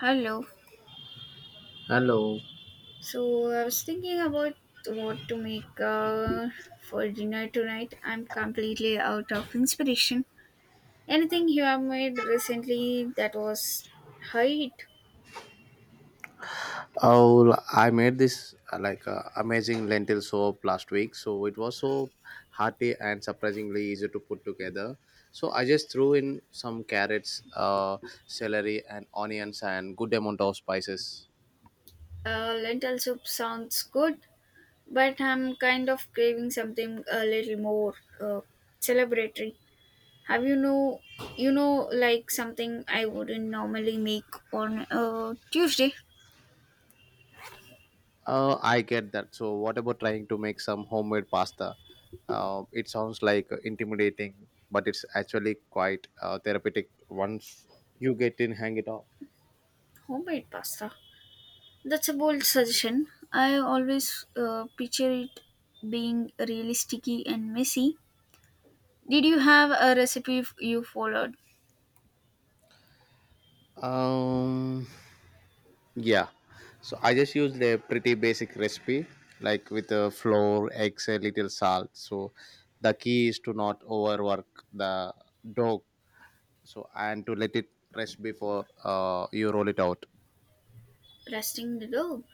Hello. Hello. So I was thinking about what to make for dinner tonight. I'm completely out of inspiration. Anything you have made recently that was height? Oh, I made this like amazing lentil soup last week. So it was so hearty and surprisingly easy to put together. So I just threw in some carrots, celery, and onions, and good amount of spices. Lentil soup sounds good, but I'm kind of craving something a little more uh, celebratory. Have you know like something I wouldn't normally make on a Tuesday? I get that. So what about trying to make some homemade pasta? It sounds like intimidating, but it's actually quite therapeutic once you get in hang it off. Homemade pasta. That's a bold suggestion. I always picture it being really sticky and messy. Did you have a you followed? Um, yeah. So I just used a pretty basic recipe, like with a flour, eggs, a little salt. So the key is to not overwork the dough. So and to let it rest before you roll it out. Resting the dough.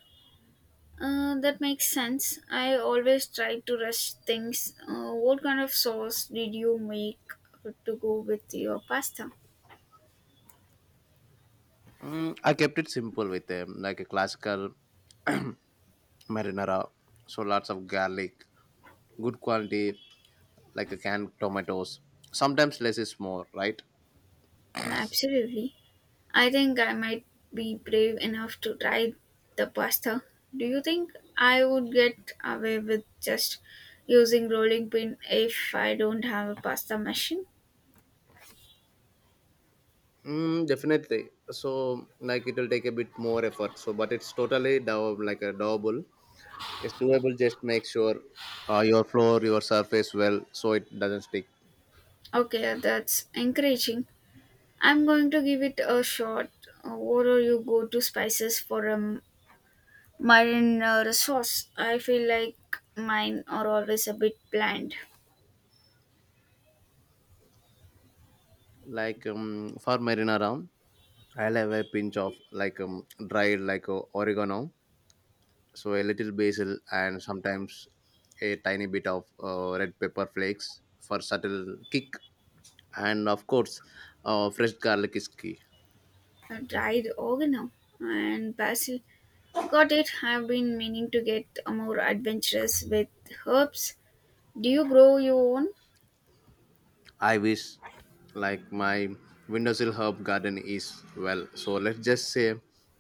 That makes sense. I always try to rest things. What kind of sauce did you make to go with your pasta? Mm, I kept it simple with like a classical marinara. So lots of garlic, good quality, like a canned tomatoes. Sometimes less is more, right? Absolutely. I think I might be brave enough to try the pasta. Do you think I would get away with just using rolling pin if I don't have a pasta machine? Mm, definitely. So like it will take a bit more effort. So but it's totally like a doable. It's doable. Just make sure your floor, your surface well, so it doesn't stick. Okay, that's encouraging. I'm going to give it a shot. What do you go to spices for a marinara sauce? I feel like mine are always a bit bland. Like for marinara, I'll have a pinch of like dried like oregano, so a little basil, and sometimes a tiny bit of red pepper flakes for subtle kick. And of course, fresh garlic is key. Dried oregano and basil. Got it. I've been meaning to get more adventurous with herbs. Do you grow your own? I wish like my windowsill herb garden is well. So let's just say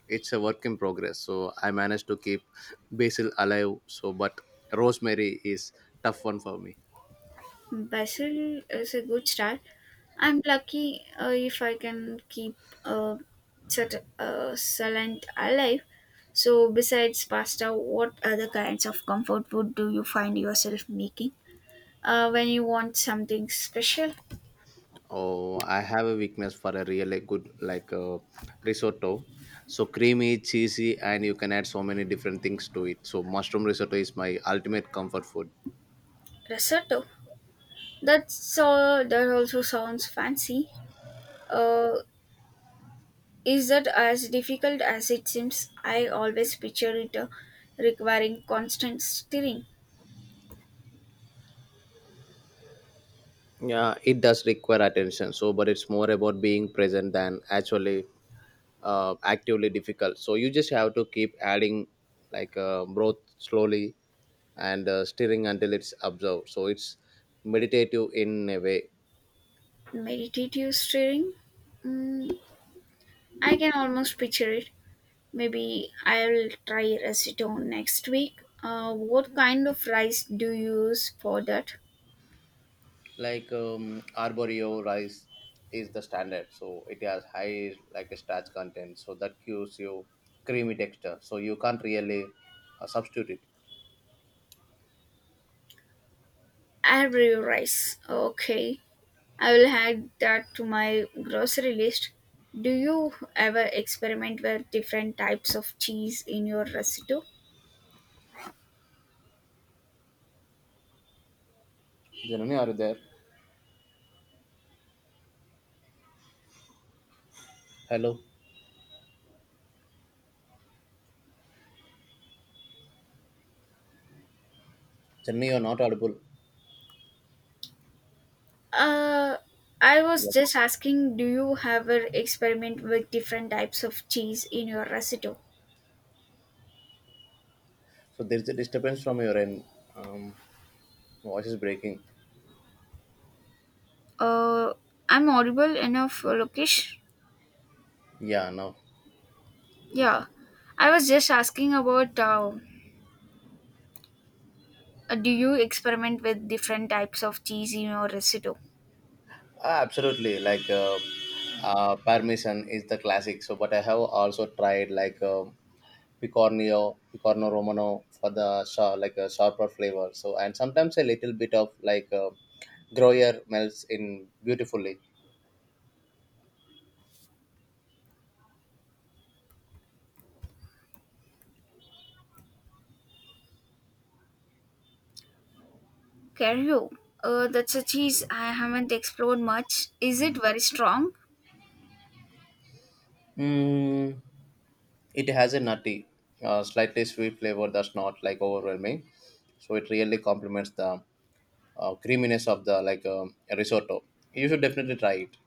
it's a work in progress. So I managed to keep basil alive. So but rosemary is tough one for me. Basil is a good start. I'm lucky if I can keep uh, such a salad alive. So, besides pasta, what other kinds of comfort food do you find yourself making when you want something special? Oh, I have a weakness for a really good like risotto. So creamy, cheesy, and you can add so many different things to it. So mushroom risotto is my ultimate comfort food. Risotto. That's all. That also sounds fancy. Uh, Is that as difficult as it seems? I always picture it requiring constant stirring, Yeah, it does require attention. So, but it's more about being present than actually actively difficult so you just have to keep adding like broth slowly and stirring until it's absorbed so it's meditative in a way. meditative stirring. Mm, I can almost picture it. Maybe I'll try acetone next week. What kind of rice do you use for that? Like arborio rice is the standard so it has high like a starch content so that gives you creamy texture so you can't really substitute it. Arborio rice. Okay, I will add that to my grocery list. Do you ever experiment with different types of cheese in your recipe? Janani, are you there? Hello. Janani, you're not audible. Uh, I was Yeah. just asking, do you ever experiment with different types of cheese in your recipe? So there's a disturbance from your end. um, Voice is breaking. Uh, I'm audible enough, Lokesh. Yeah, no. Yeah, I was just asking about, do you experiment with different types of cheese in your recipe? Ah, absolutely, like Parmesan is the classic. So, but I have also tried like Picornio, Picorno Romano for the like a sharper flavor. So, and sometimes a little bit of like Gruyere melts in beautifully. Cario, that's a cheese I haven't explored much. Is it very strong? Mm, it has a nutty, slightly sweet flavor that's not like overwhelming. So it really complements the creaminess of the like risotto. You should definitely try it.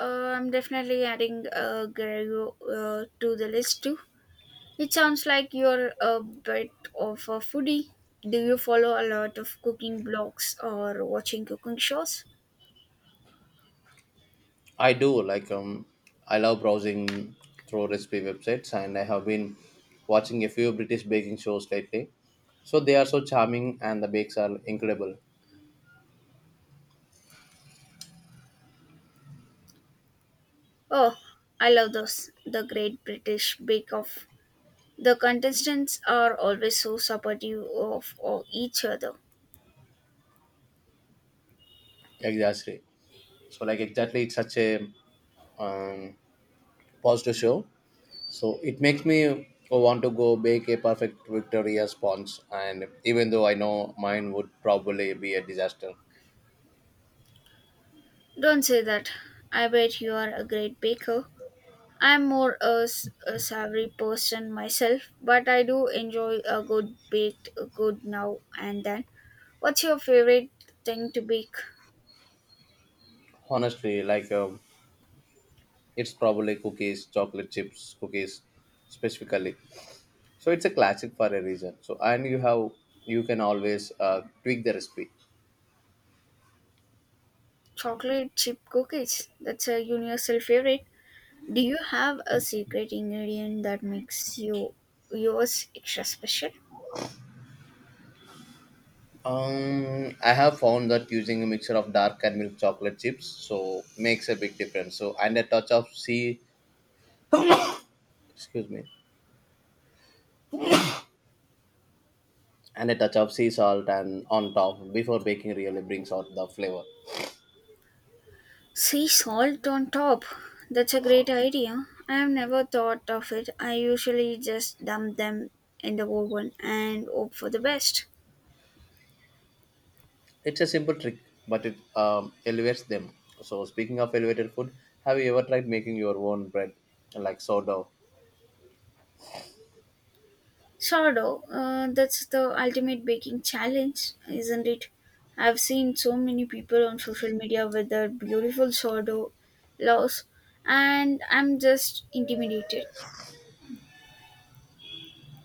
I'm definitely adding Gregorio to the list too. It sounds like you're a bit of a foodie. Do you follow a lot of cooking blogs or watching cooking shows? I do. Like I love browsing through recipe websites and I have been watching a few British baking shows lately. So they are so charming and the bakes are incredible. Oh, I love those. The Great British Bake Off. The contestants are always so supportive of each other. Exactly. So like exactly it's such a um, positive show. So it makes me want to go bake a perfect Victoria sponge and even though I know mine would probably be a disaster. Don't say that. I bet you are a great baker. I'm more a savory person myself, but I do enjoy a good baked good now and then. What's your favorite thing to bake? Honestly, like it's probably cookies, chocolate chips, cookies specifically. So it's a classic for a reason. So and you can always tweak the recipe. Chocolate chip cookies. That's a universal favorite. Do you have a secret ingredient that makes yours extra special? I have found that using a mixture of dark and milk chocolate chips so makes a big difference. So and a touch of sea, excuse me, and a touch of sea salt and on top before baking really brings out the flavor. Sea salt on top. That's a great idea. I have never thought of it. I usually just dump them in the oven and hope for the best. It's a simple trick, but it elevates them. So speaking of elevated food, have you ever tried making your own bread like sourdough? Sourdough, that's the ultimate baking challenge, isn't it? I've seen so many people on social media with their beautiful sourdough loaves, and I'm just intimidated.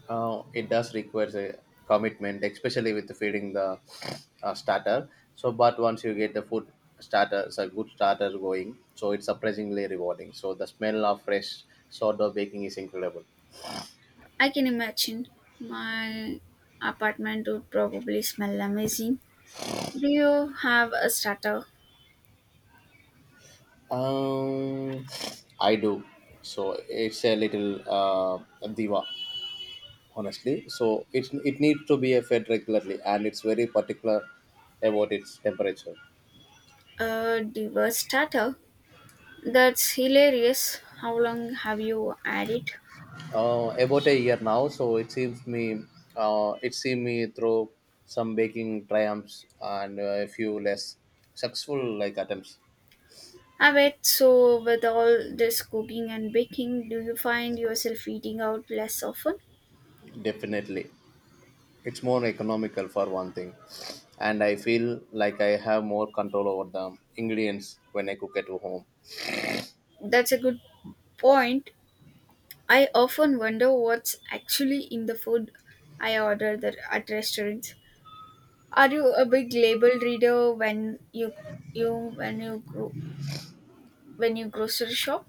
It does require a commitment, especially with feeding the starter. So, but once you get the food starter, it's a good starter going, so it's surprisingly rewarding. So, the smell of fresh sourdough baking is incredible. I can imagine my apartment would probably smell amazing. Do you have a starter? Um, I do. So, it's a little diva, honestly. So, it needs to be fed regularly, and it's very particular about its temperature. A diverse starter? That's hilarious. How long have you had it? About a year now. So it seems me, it seemed me through some baking triumphs and a few less successful like attempts. I bet. So with all this cooking and baking, do you find yourself eating out less often? Definitely, it's more economical for one thing, and I feel like I have more control over the ingredients when I cook at home. That's a good point. I often wonder what's actually in the food I order that at restaurants. Are you a big label reader you when you gro- when you grocery shop?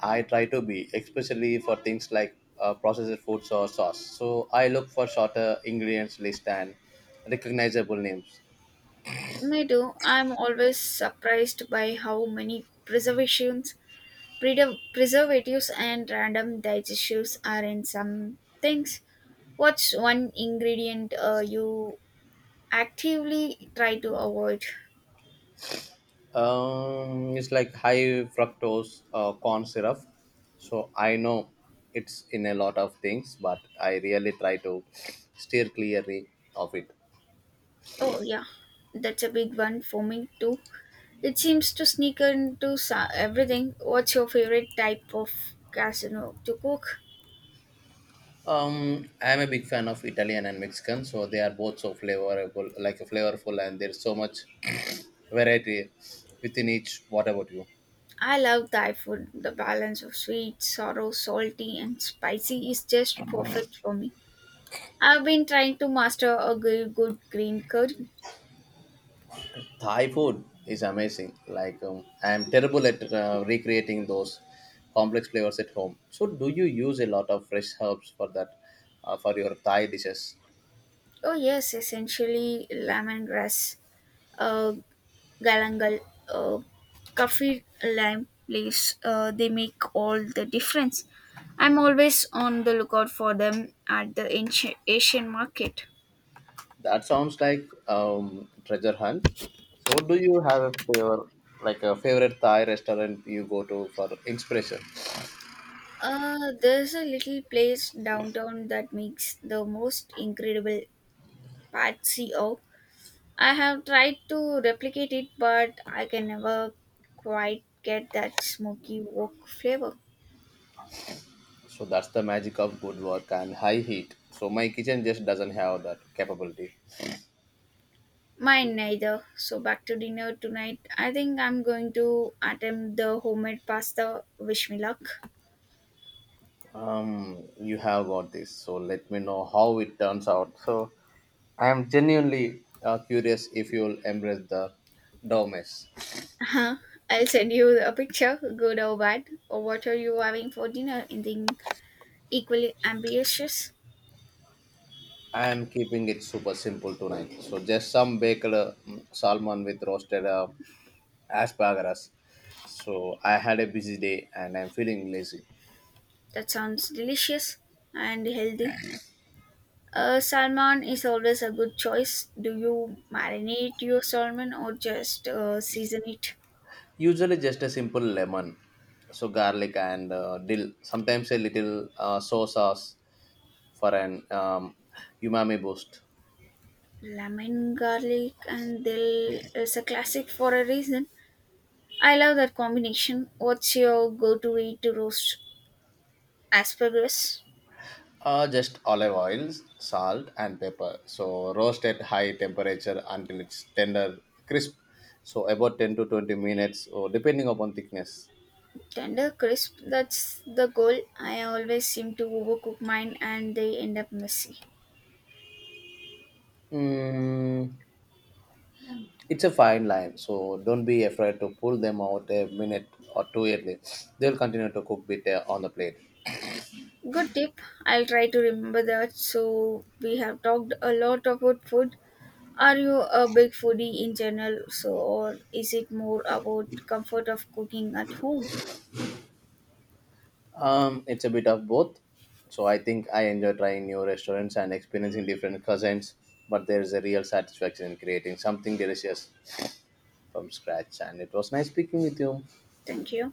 I try to be, especially for things like processed foods or sauce. So I look for shorter ingredients list and recognizable names. Me too. I'm always surprised by how many preservatives and random digestives are in some things. What's one ingredient you actively try to avoid? It's like high fructose corn syrup. So I know it's in a lot of things, but I really try to steer clearly of it. Oh, yeah, that's a big one for me too. It seems to sneak into everything. What's your favorite type of casino to cook? I'm a big fan of Italian and Mexican, so they are both so flavorful, like flavorful, and there's so much variety within each. What about you? I love Thai food. The balance of sweet, sour, salty, and spicy is just perfect for me. I've been trying to master a good green curry. Thai food is amazing. Like I'm terrible at recreating those complex flavors at home. So do you use a lot of fresh herbs for that for your Thai dishes? Oh yes, essentially lemongrass, uh, galangal, uh, kaffir lime leaves. They make all the difference. I'm always on the lookout for them at the Asian market. That sounds like treasure hunt. So do you have a flavor like a favorite Thai restaurant you go to for inspiration? There's a little place downtown that makes the most incredible patsy. Oh, I have tried to replicate it, but I can never quite get that smoky wok flavor. So that's the magic of good work and high heat. So my kitchen just doesn't have that capability. Mine neither. So back to dinner tonight. I think I'm going to attempt the homemade pasta. Wish me luck. You have got this, so let me know how it turns out. So, I am genuinely curious if you'll embrace the Domes. Uh-huh. I'll send you a picture, good or bad, or what are you having for dinner? Anything equally ambitious? I am keeping it super simple tonight. So, just some baked salmon with roasted asparagus. So, I had a busy day and I'm feeling lazy. That sounds delicious and healthy. Salmon is always a good choice. Do you marinate your salmon or just season it? Usually, just a simple lemon, so garlic and dill. Sometimes a little soy sauce for an umami boost. Lemon, garlic, and dill is a classic for a reason. I love that combination. What's your go to way to roast asparagus? Just olive oil, salt, and pepper. So roast at high temperature until it's tender, crisp. So about 10 to 20 minutes, or depending upon thickness. Tender, crisp, that's the goal. I always seem to overcook mine and they end up messy. Mm, it's a fine line, so don't be afraid to pull them out a minute or two early. They'll continue to cook bit on the plate. Good tip. I'll try to remember that. So, we have talked a lot about food. Are you a big foodie in general, so or is it more about comfort of cooking at home? It's a bit of both. So I think I enjoy trying new restaurants and experiencing different cuisines, but there is a real satisfaction in creating something delicious from scratch. And it was nice speaking with you. Thank you.